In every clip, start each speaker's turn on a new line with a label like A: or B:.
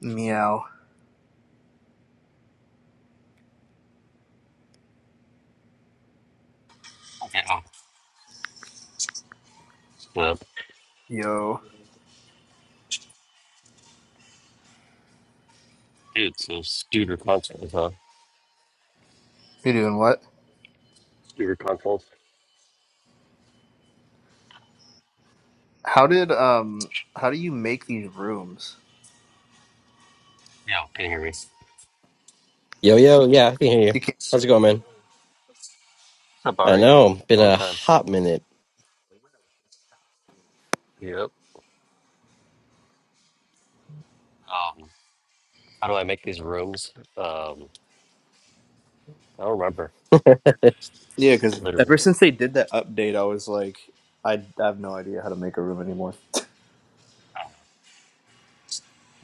A: Meow.
B: Yeah. Uh,
A: Yo.
B: dude, so Studer consoles, huh?
A: You're doing what?
B: Studer consoles.
A: How did um how do you make these rooms?
B: Yeah, can you hear me? What's
C: Yo, yo, yeah, I can hear you.
A: You can't
C: How's it going, man?
B: up,
C: I
B: Ari?
C: know, been
B: Long
C: a
B: time.
C: hot minute.
B: Yep. Um, how do I make these rooms? Um, I don't remember.
A: Yeah, because
B: Literally.
A: ever since they did that update I was like I, I have no idea how to make a room anymore.
B: Oh.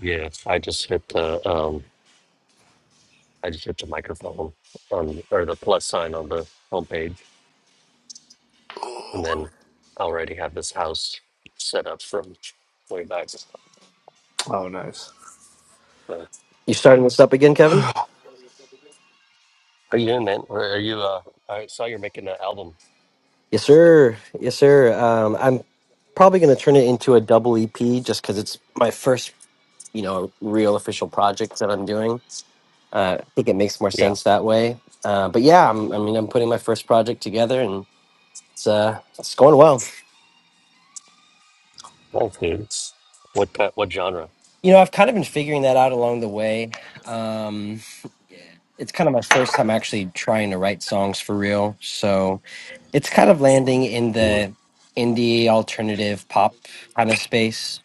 B: Yeah, I just hit the um, I just hit the microphone on or the plus sign on the homepage, and then I already have this house set up from way back. So,
A: Oh nice.
B: how
C: You starting this up again, Kevin?
A: Are
B: you doing, man? Or are you? Uh, I saw you're making an album.
C: Yes, sir. Yes, sir. Um, I'm probably going to turn it into a double EP just because it's my first, you know, real official project that I'm doing. Uh, I think it makes more
B: Yeah,
C: sense that way. Uh, but yeah, I'm, I mean, I'm putting my first project together and it's uh, it's going well.
B: Whole Foods. What pa- what genre?
C: You know, I've kind of been figuring that out along the way. Um, it's kind of my first time actually trying to write songs for real. So it's kind of landing in
B: Mm,
C: the indie alternative pop kind of space.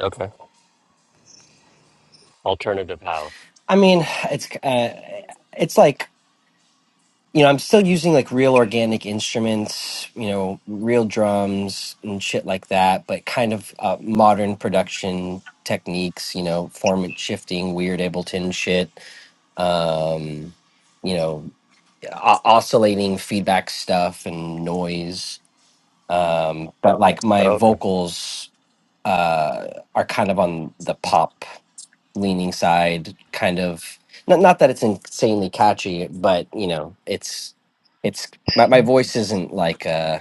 B: okay, alternative how?
C: I mean, it's uh, it's like you know I'm still using like real organic instruments, you know, real drums and shit like that, but kind of uh, modern production techniques, you know, format shifting, weird Ableton shit. Um, you know, o- oscillating feedback stuff and noise um but like my
B: Oh, okay.
C: vocals uh are kind of on the pop leaning side kind of not, not that it's insanely catchy but you know it's it's my, my voice isn't like uh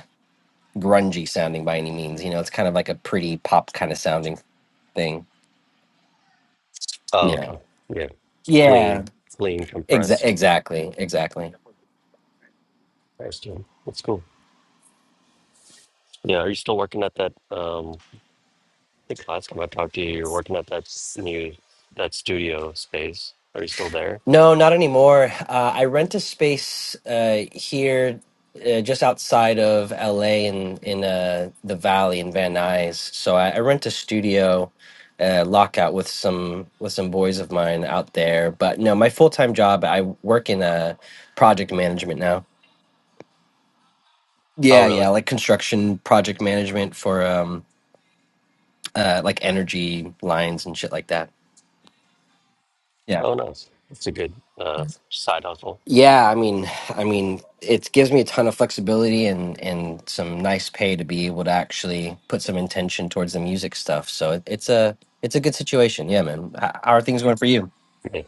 C: grungy sounding by any means you know it's kind of like a pretty pop kind of sounding thing
B: Oh,
C: you know
B: okay. Yeah,
C: yeah
B: clean, clean,
C: exa-
B: compressed.
C: exactly exactly
B: Nice, dude. That's cool. Yeah, are you still working at that? Um, I think last time I talked to you, you're working at that s- new that studio space. Are you still there?
C: No, not anymore. Uh, I rent a space uh, here, uh, just outside of LA, in in uh, the Valley in Van Nuys. So I, I rent a studio, uh, lockout with some with some boys of mine out there. But no, my full time job, I work in uh, project management now.
B: Oh,
C: Yeah, yeah,
B: really?
C: like construction project management for um, uh, like energy lines and shit like that. Yeah.
B: Oh, nice. It's a good uh, side hustle.
C: Yeah, I mean, I mean, it gives me a ton of flexibility and and some nice pay to be able to actually put some intention towards the music stuff. So it, it's a it's a good situation. Yeah, man. H- How are things going for you?
B: Yeah.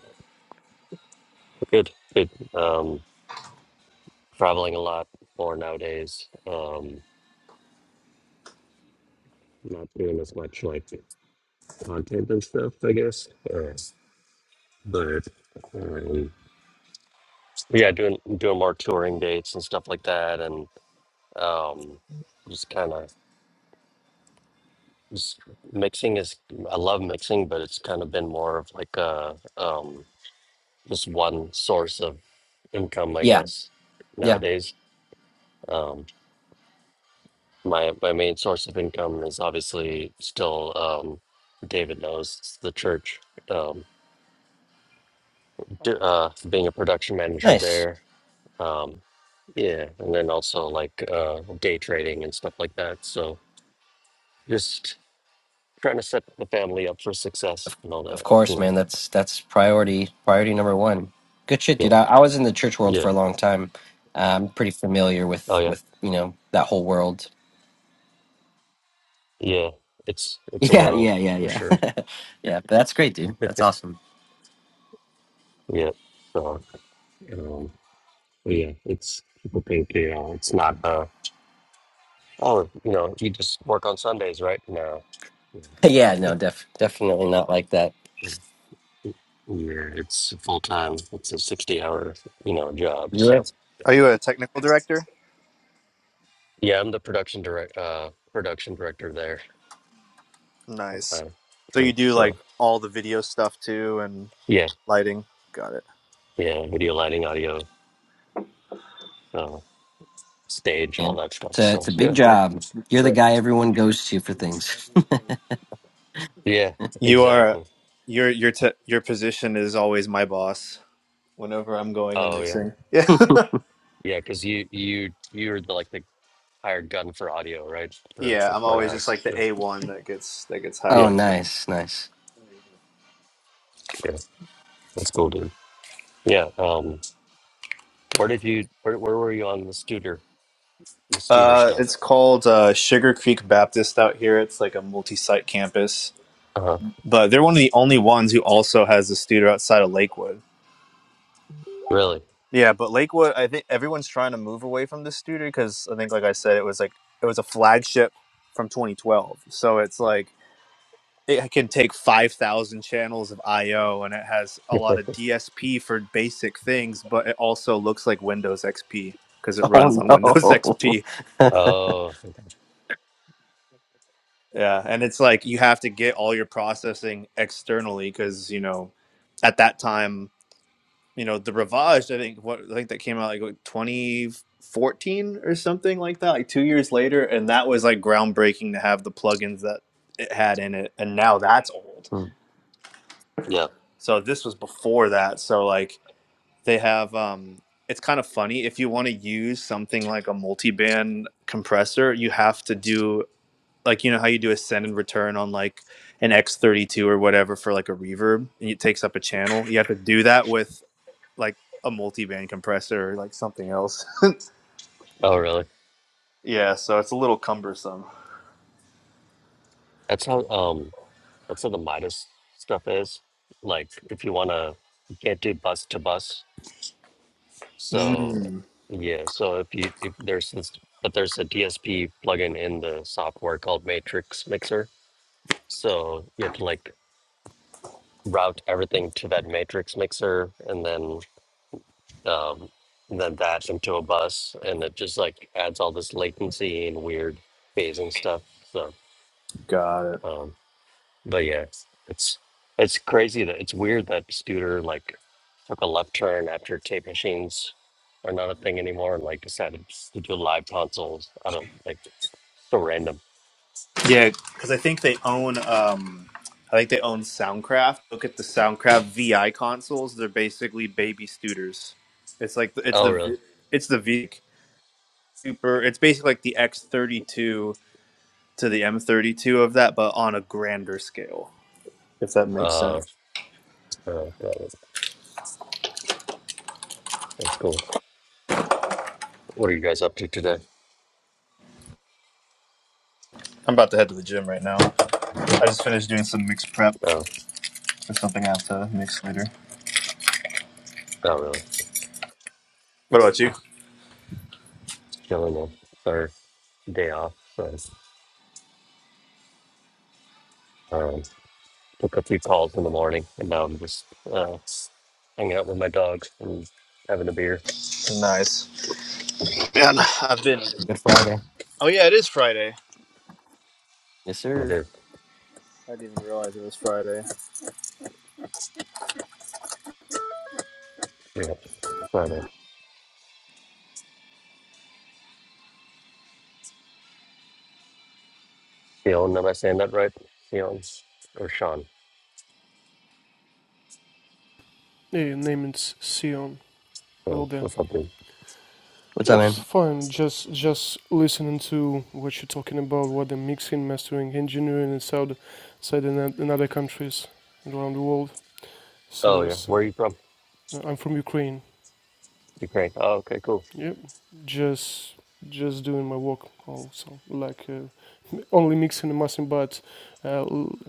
B: Good, good. Um, traveling a lot more nowadays. Um, not doing as much like content and stuff, I guess. Uh, but um, yeah, doing doing more touring dates and stuff like that, and um, just kind of just mixing is I love mixing, but it's kind of been more of like a um, just one source of income, I
C: Yeah,
B: guess,
C: yeah.
B: nowadays. Um, my my main source of income is obviously still um, David knows it's the church. Um, d- uh, being a production manager
C: Nice.
B: there, Um, yeah, and then also like uh, day trading and stuff like that. So just trying to set the family up for success
C: Of,
B: and all
C: of
B: that. You
C: course,
B: know.
C: man. That's that's priority priority number one. Good shit,
B: Yeah,
C: dude. I, I was in the church world
B: yeah,
C: for a long time. Uh, I'm pretty familiar
B: oh
C: with
B: yeah,
C: with you know that whole world.
B: yeah. It's it's a
C: Yeah,
B: world
C: yeah, yeah,
B: for
C: yeah,
B: sure.
C: yeah. But that's great, dude. That's awesome.
B: Yeah. So um, but yeah, it's people think you know it's not uh oh you know you just work on Sundays right? No. Yeah,
C: yeah, no, def definitely not like that.
B: yeah, yeah, it's full time. It's a sixty-hour, you know, job.
C: Yeah.
B: So,
A: you a technical director?
B: yeah, I'm the production direct, uh, production director there.
A: Nice.
B: Okay.
A: So
B: Sure.
A: you do
B: So
A: like all the video stuff too and
B: yeah,
A: lighting. Got it.
B: yeah, video lighting, audio, uh, stage,
C: Yeah.
B: all that stuff.
C: It's a,
B: So
C: it's a big
B: yeah,
C: job. You're the
A: Sick.
C: guy everyone goes to for things.
B: yeah,
A: You are
B: exactly.
A: your your te- your position is always my boss whenever I'm going and
B: Oh yeah,
A: mixing. Yeah.
B: yeah, because you you you're the, like the hired gun for audio, right? For
A: Yeah,
B: for
A: I'm
B: front
A: always just
B: house.
A: like the
B: Yeah,
A: A one that gets that gets
C: oh,
B: yeah,
A: hired out.
C: nice. Nice.
B: yeah. That's cool, dude. Yeah. Um, where did you where where were you on the studer the studer
A: Uh, it's
B: stuff?
A: called uh, Sugar Creek Baptist out here. It's like a multi-site campus,
B: Uh huh.
A: but they're one of the only ones who also has a studio outside of Lakewood.
B: Really?
A: Yeah, but Lakewood, I think everyone's trying to move away from this studio because I think, like I said, it was like it was a flagship from 2012. So it's like it can take 5000 channels of io and it has a lot of dsp for basic things but it also looks like windows xp because it runs
C: Oh,
A: on windows
C: no.
A: xp
B: oh, okay.
A: yeah and it's like you have to get all your processing externally because you know at that time you know the rivage i think what i think that came out like what, 2014 or something like that like two years later and that was like groundbreaking to have the plugins that it had in it and now that's old
C: Hmm.
B: yeah.
A: so this was before that so like they have um it's kind of funny if you want to use something like a multi-band compressor you have to do like you know how you do a send and return on like an x32 or whatever for like a reverb and it takes up a channel you have to do that with like a multi-band compressor or like something else
B: Oh, really?
A: yeah so it's a little cumbersome
B: That's how. Um, That's what the Midas stuff is. Like if you wanna you can't do bus to bus. So
A: mm,
B: yeah, so if you if there's this but there's a DSP plugin in the software called Matrix Mixer. So you have to like route everything to that matrix mixer and then um and then that into a bus and it just like adds all this latency and weird phasing stuff. So
A: got it
B: um, But yeah, it's it's it's crazy that it's weird that Studer like took a left turn after tape machines are not a thing anymore and like decided to do live consoles. I don't like so random.
A: Yeah, because I think they own. Um, I think they own Soundcraft. Look at the Soundcraft VI consoles. They're basically baby Studers. It's like the- it's
B: Oh
A: the
B: really?
A: it's the V Super. It's basically like the X thirty two to the M thirty two of that, but on a grander scale. If that makes
B: Uh,
A: sense.
B: oh, got it. that's cool. What are you guys up to today?
A: I'm about to head to the gym right now. I just finished doing some mix prep
B: Oh,
A: for something I have to mix later.
B: not really.
A: What about you?
B: Just Chilling on third day off. So, um, took a few calls in the morning and now I'm just uh, hanging out with my dogs and having a beer.
A: Nice. Man, I've been.
C: Good Friday.
A: Oh yeah, it is Friday.
C: Yes,
B: With
C: sir.
B: it.
A: I didn't even realize it was Friday.
B: Yeah. Keon, am I saying that right? Keon or Sean?
D: Hey, name it's Sion. Hello
B: Keon
D: there.
B: or something.
C: What's up,
D: Yep,
C: man?
D: fine. Just just listening to what you're talking about, what the mixing, mastering, engineering is out- outside in, in other countries around the world.
B: Oh,
D: So
B: yeah.
D: it's
B: Where are you from?
D: uh, I'm from Ukraine.
B: Ukraine. Oh, okay, cool.
D: Yep. Just just doing my work also like uh, only mixing and mastering but uh,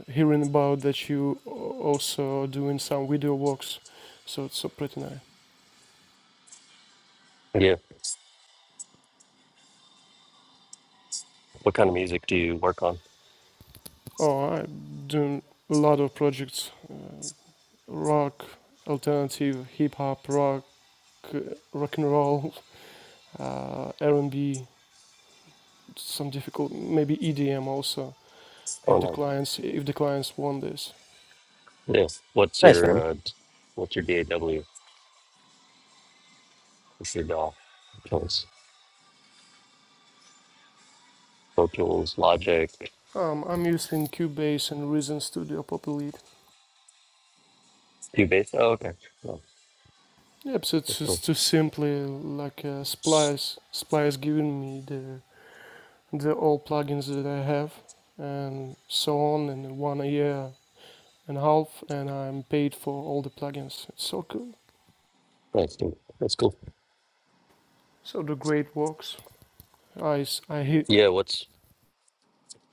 D: hearing about that you a- also are doing some video works so it's so pretty nice
B: Yeah. What kind of music do you work on?
D: oh i'm doing a lot of projects rock, alternative, hip hop, rock, uh, rock and roll, uh, R and B, some difficult, maybe EDM also.
B: Oh,
D: If the
B: no.
D: clients if the clients want this,
B: Yes. What's
C: Nice,
B: your,
C: man.
B: uh, d- what's your DAW? What's your DAW? Tools, Pro Tools, Logic,
D: um, I'm using Cubase and Reason Studio Populate.
B: Cubase. Oh, okay. Oh,
D: Yep, so it's
B: that's cool.
D: just too simply like uh, Splice. Splice giving me the the all plugins that I have and so on and one a year and a half and I'm paid for all the plugins. It's so cool.
B: That's cool. That's cool.
D: So the great works. I hear,
B: Yeah. What's,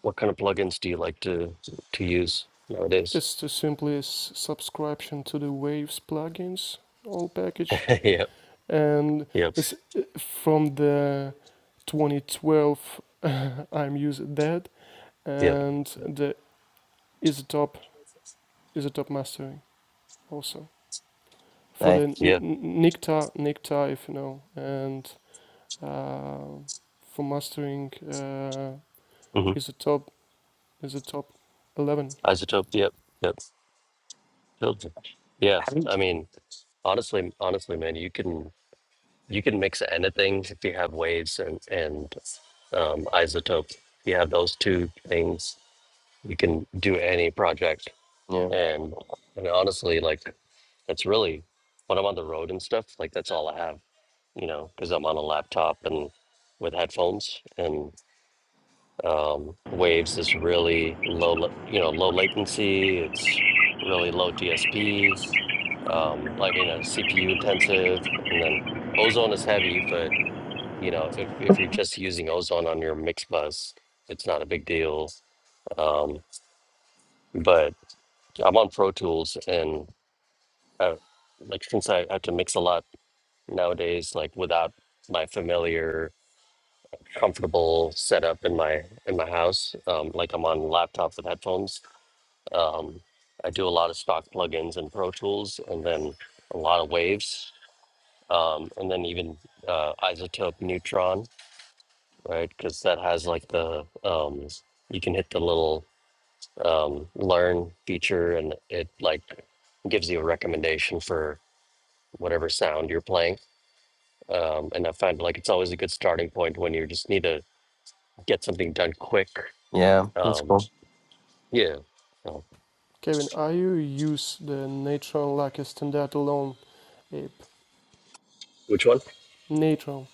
B: what kind of plugins do you like to, to use nowadays?
D: It's to simply s- subscription to the Waves plugins all package,
B: yep.
D: and
B: Yep.
D: it's uh, from the 2012 I'm using that,
B: Yep.
D: and the Isotop Isotop mastering also for the
C: Nice.
D: N-
B: Yeah.
D: N- Nikta Nikta if you know, and uh, for mastering uh,
B: hmm
D: Isotop Isotop 11.
B: Isotope. Yep. Yep. Children. Yeah,
C: Haven't-
B: I mean, honestly, honestly, man, you can you can mix anything if you have waves and and um, isotope. You have those two things, you can do any project.
C: Yeah.
B: And and honestly, like that's really when I'm on the road and stuff. Like that's all I have, you know, because I'm on a laptop and with headphones, and. Um, Waves is really low, la- you know, low latency. It's really low DSP. Um, I mean, uh, CPU intensive, and then Ozone is heavy, but you know, if if you're just using Ozone on your mix bus, it's not a big deal. Um, but I'm on Pro Tools, and uh like since I have to mix a lot nowadays, like without my familiar comfortable setup in my in my house um like i'm on laptop with headphones Um, I do a lot of stock plugins in Pro Tools and then a lot of waves. Um, and then even uh, Isotope Neutron, right? Because that has like the, um, you can hit the little um, learn feature and it like gives you a recommendation for whatever sound you're playing. Um, and I find like it's always a good starting point when you just need to get something done quick.
C: Yeah. That's
B: Um,
C: cool.
B: yeah. Oh,
D: Kevin, are you use the Natron like a standalone app?
B: Which one?
D: Natron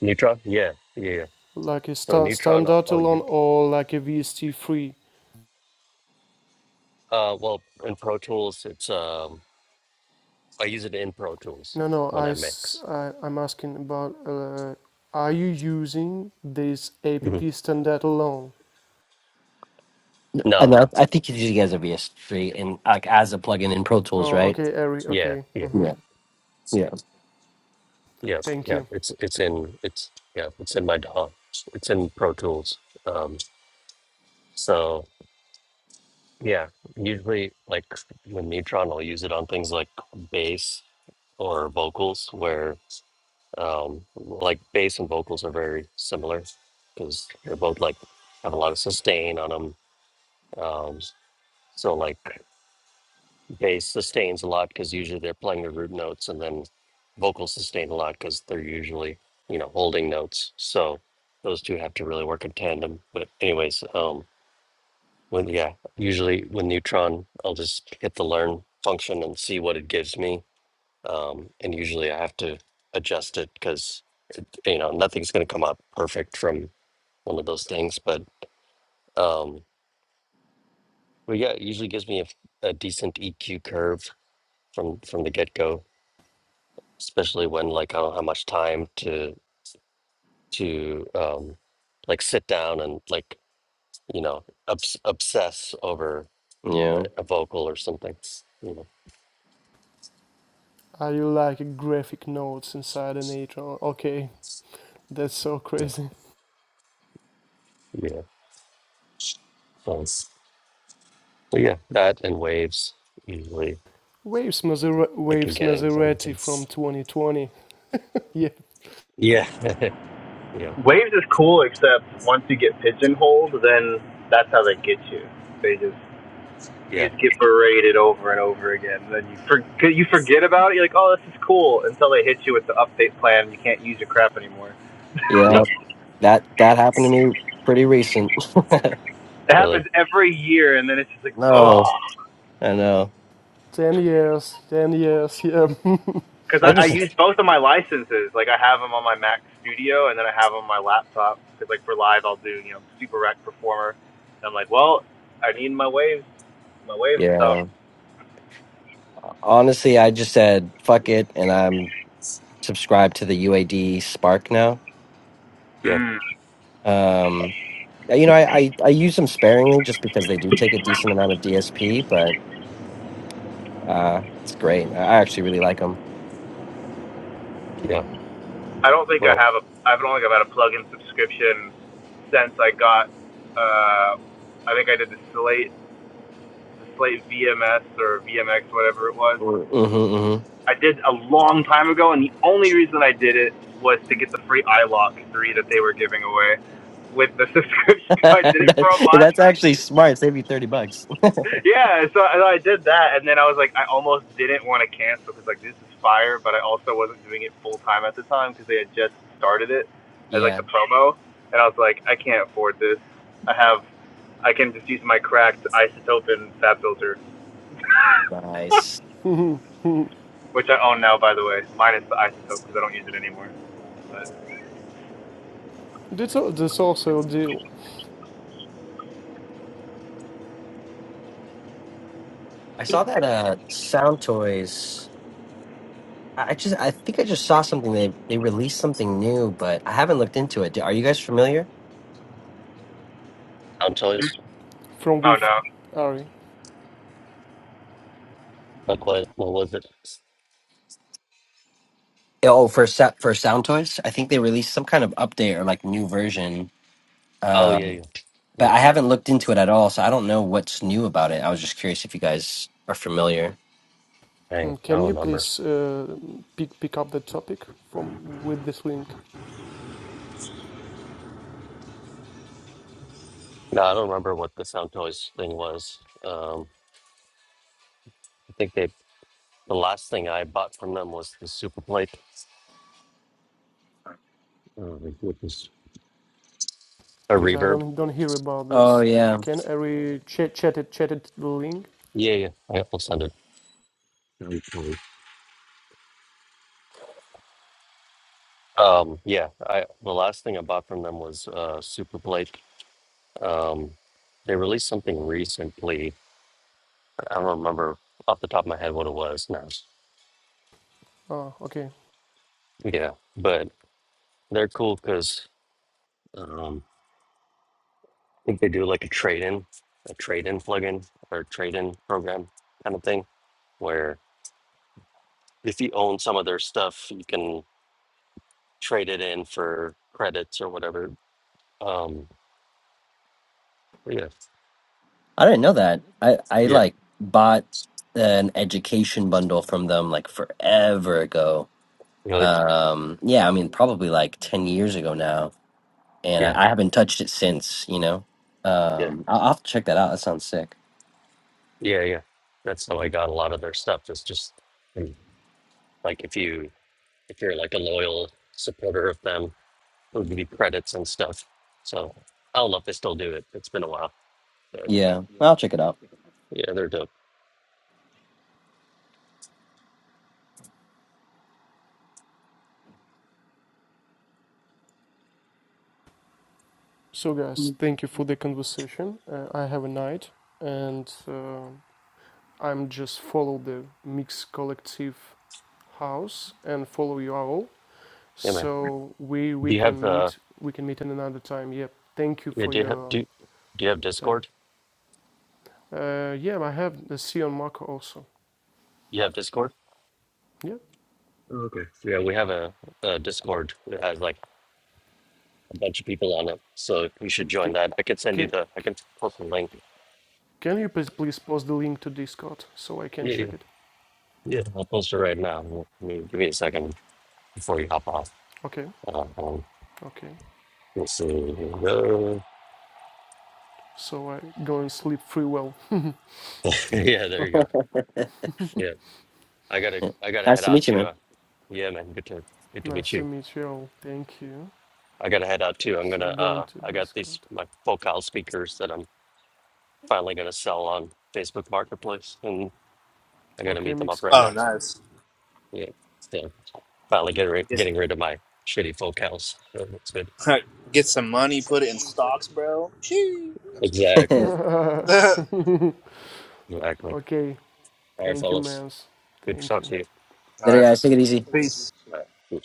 B: Neutron? Yeah. Yeah. yeah.
D: like a
B: So
D: stand
B: Neutron, I'll,
D: standard
B: I'll use.
D: alone or like a VST free?
B: Uh, well, in Pro Tools, it's um, I use it in Pro Tools
D: No, no. I
B: when
D: i
B: I mix.
D: am asking about. Uh, are you using this app
B: hmm
D: standard alone?
C: I
B: No,
C: know.
B: no,
C: I think you guys are VS3 and like as a plugin in Pro Tools,
D: Oh,
C: right?
D: okay, Ari.
B: yeah,
D: Okay.
B: yeah,
D: Mm-hmm.
C: Yeah. Yeah.
B: yeah,
D: Thank
B: yeah.
D: you.
B: It's it's in it's yeah, it's in my DAW. It's in Pro Tools. Um, so yeah, usually like with Neutron, I'll use it on things like bass or vocals, where um, like bass and vocals are very similar because they're both like have a lot of sustain on them. Um, so like. bass sustains a lot because usually they're playing the root notes, and then vocals sustain a lot because they're usually you know holding notes. So those two have to really work in tandem. But anyways, um, when yeah, usually with Neutron, I'll just hit the learn function and see what it gives me, um, and usually I have to adjust it because you know nothing's going to come out perfect from one of those things, but um, but yeah, it usually gives me a, a decent EQ curve from from the get go especially when like I don't have much time to to um, like sit down and like you know obs- obsess over
C: Yeah.
B: a, a vocal or something. You know,
D: Are you like graphic nodes inside an Atron? Okay, that's so crazy.
B: yeah, yeah. So, but yeah, that and waves usually
D: Waves, Maserati,
B: I can
D: Waves
B: get in
D: Maserati
B: something.
D: from 2020. Yeah,
B: Yeah, yeah, yep,
A: Waves is cool, except once you get pigeonholed, then that's how they get you. They just
B: yeah,
A: you just get berated over and over again. And then you forget you forget about it. You're like, oh, this is cool, until they hit you with the update plan. and You can't use your crap anymore.
C: Yeah.
B: yep.
C: That, that happened to me pretty recent.
A: It
B: Really,
A: happens every year, and then it's just like,
C: no.
A: oh,
C: I know.
D: 10 years, 10 years, yeah.
A: because
C: I
A: I, I
C: just,
A: use both of my licenses. Like I have them on my Mac Studio, and then I have them on my laptop. Because like for live, I'll do you know Super Rec Performer. And I'm like, well, I need my waves, my Waves
C: yeah.
A: stuff.
C: Honestly, I just said fuck it, and I'm subscribed to the UAD Spark now.
B: yeah,
A: Mm.
C: Um, yeah, you know, I, I I use them sparingly just because they do take a decent amount of DSP, but uh, it's great. I I actually really like them.
B: yeah.
A: I don't think I
B: Well,
A: have a. I've only got a plug-in subscription since I got. Uh, I think I did the Slate, the Slate VMS or VMX, whatever it was.
C: Mm-hmm, hmm
A: I did a long time ago, and the only reason I did it was to get the free iLock three that they were giving away with the subscription. So I did it for a
C: that, yeah,
A: month
C: that's actually smart. Save you thirty bucks.
A: yeah, so so I did that, and then I was like, I almost didn't want to cancel because like this is fire, but I also wasn't doing it full time at the time because they had just started it as like
C: Yeah,
A: the promo, and I was like, I can't afford this. I have, I can just use my cracked isotope and fab filter,
C: nice.
A: which I own now, by the way, minus the isotope because I don't use it anymore. But
D: that's, that's also a deal
C: I saw that uh, Sound Toys. I I just I think I just saw something. They they released something new, but I haven't looked into it. Are you guys familiar?
B: sound choice.
D: from
A: oh
D: with
A: no,
D: Ari.
B: What was what was it?
C: Oh, for Sa- for Sound Toys, I think they released some kind of update or like new version.
B: Oh yeah, yeah,
C: Um, but
B: yep.
C: I haven't looked into it at all, so I don't know what's new about it. I was just curious if you guys are familiar.
B: Dang,
D: Mm,
B: I
D: Can you
B: don't remember.
D: please uh, pick pick up the topic from with this link?
B: No, I don't remember what the sound choice thing was. Um. I think they the last thing I bought from them was the super plate, a
D: Because I
B: reverb.
D: don't don't hear about
C: Oh
D: this.
C: yeah,
D: Can I re chat chatted chatted the link?
B: Yeah, yeah. I- will send it. Um, yeah, I the last thing I bought from them was uh super plate. Um, they released something recently. I don't remember off the top of my head what it was now.
D: Ah, okay.
B: Yeah, but they're cool because um, I think they do like a trade in, a trade in plugin or trade in program kind of thing, where if you own some of their stuff, you can. trade it in for credits or whatever. Um, yeah,
C: I didn't know that. I I
B: yeah,
C: like bought an education bundle from them like forever ago.
B: really,
C: Um, yeah, I mean probably like ten years ago now, and
B: yeah,
C: I, I haven't touched it since. You know,
B: yeah,
C: um, I'll, I'll have to check that out. That sounds sick.
B: yeah, yeah. That's how I got a lot of their stuff. It's just mm, like if you if you're like a loyal supporter of them, they'll give you credits and stuff. So I don't know if they still do it. It's been a while, but
C: Yeah, I'll check it out.
B: yeah, they're dope.
D: So guys, thank you for the conversation. Uh, I have a night, and uh, I'm just follow the mix collective house and follow you all.
B: Yeah, man.
D: So we we
B: Do you have
D: can
B: uh?
D: meet we can meet in another time. Yep. Yeah. Thank you
B: Yeah,
D: for
B: do you have
D: your
B: do do you have
D: time.
B: Discord?
D: Uh, yeah, I have the Sion Marco also.
B: You have Discord?
D: Yeah.
B: Yeah, we have a, a Discord that has like a bunch of people on it, so you should
D: Ca
B: join that. I could send you
D: Can,
B: the I can post a link
D: can you please, please post the link to Discord so I can
B: Yeah, yeah,
D: check it?
B: yeah. I'll post it right now. Give me give me a second before you hop off.
D: Okay,
B: Uh, um,
D: okay.
B: let's see. Uh,
D: So I go and sleep free well.
B: yeah, there you go. Yeah, I gotta,
C: Yeah.
B: I gotta head
C: Nice to
B: out
C: meet you,
B: too.
C: man.
B: Uh, yeah, man, good to, good to meet
D: Nice to
B: you.
D: meet you all. Thank you.
B: I gotta head out too. I'm
D: So
B: gonna,
D: going
B: uh,
D: to
B: I got these
D: Discord.
B: my focal speakers that I'm finally gonna sell on Facebook Marketplace, and I gotta
D: Okay,
B: meet them
D: Mix
B: up right
A: Oh,
B: now.
D: Collective.
A: nice.
B: Yeah, yeah. Finally getting rid,
A: Get,
B: getting rid of my shitty focals. So that's good.
A: get some money, put it in stocks, bro. Shee. I'm just kidding.
B: Exactly,
A: All
B: exactly.
D: okay,
B: All right,
D: thank you,
B: fellas.
D: mans.
B: Good to
D: Thank
B: talk
D: you.
B: to you.
C: Later,
A: right.
C: guys. Take it easy.
A: Peace.
B: Good.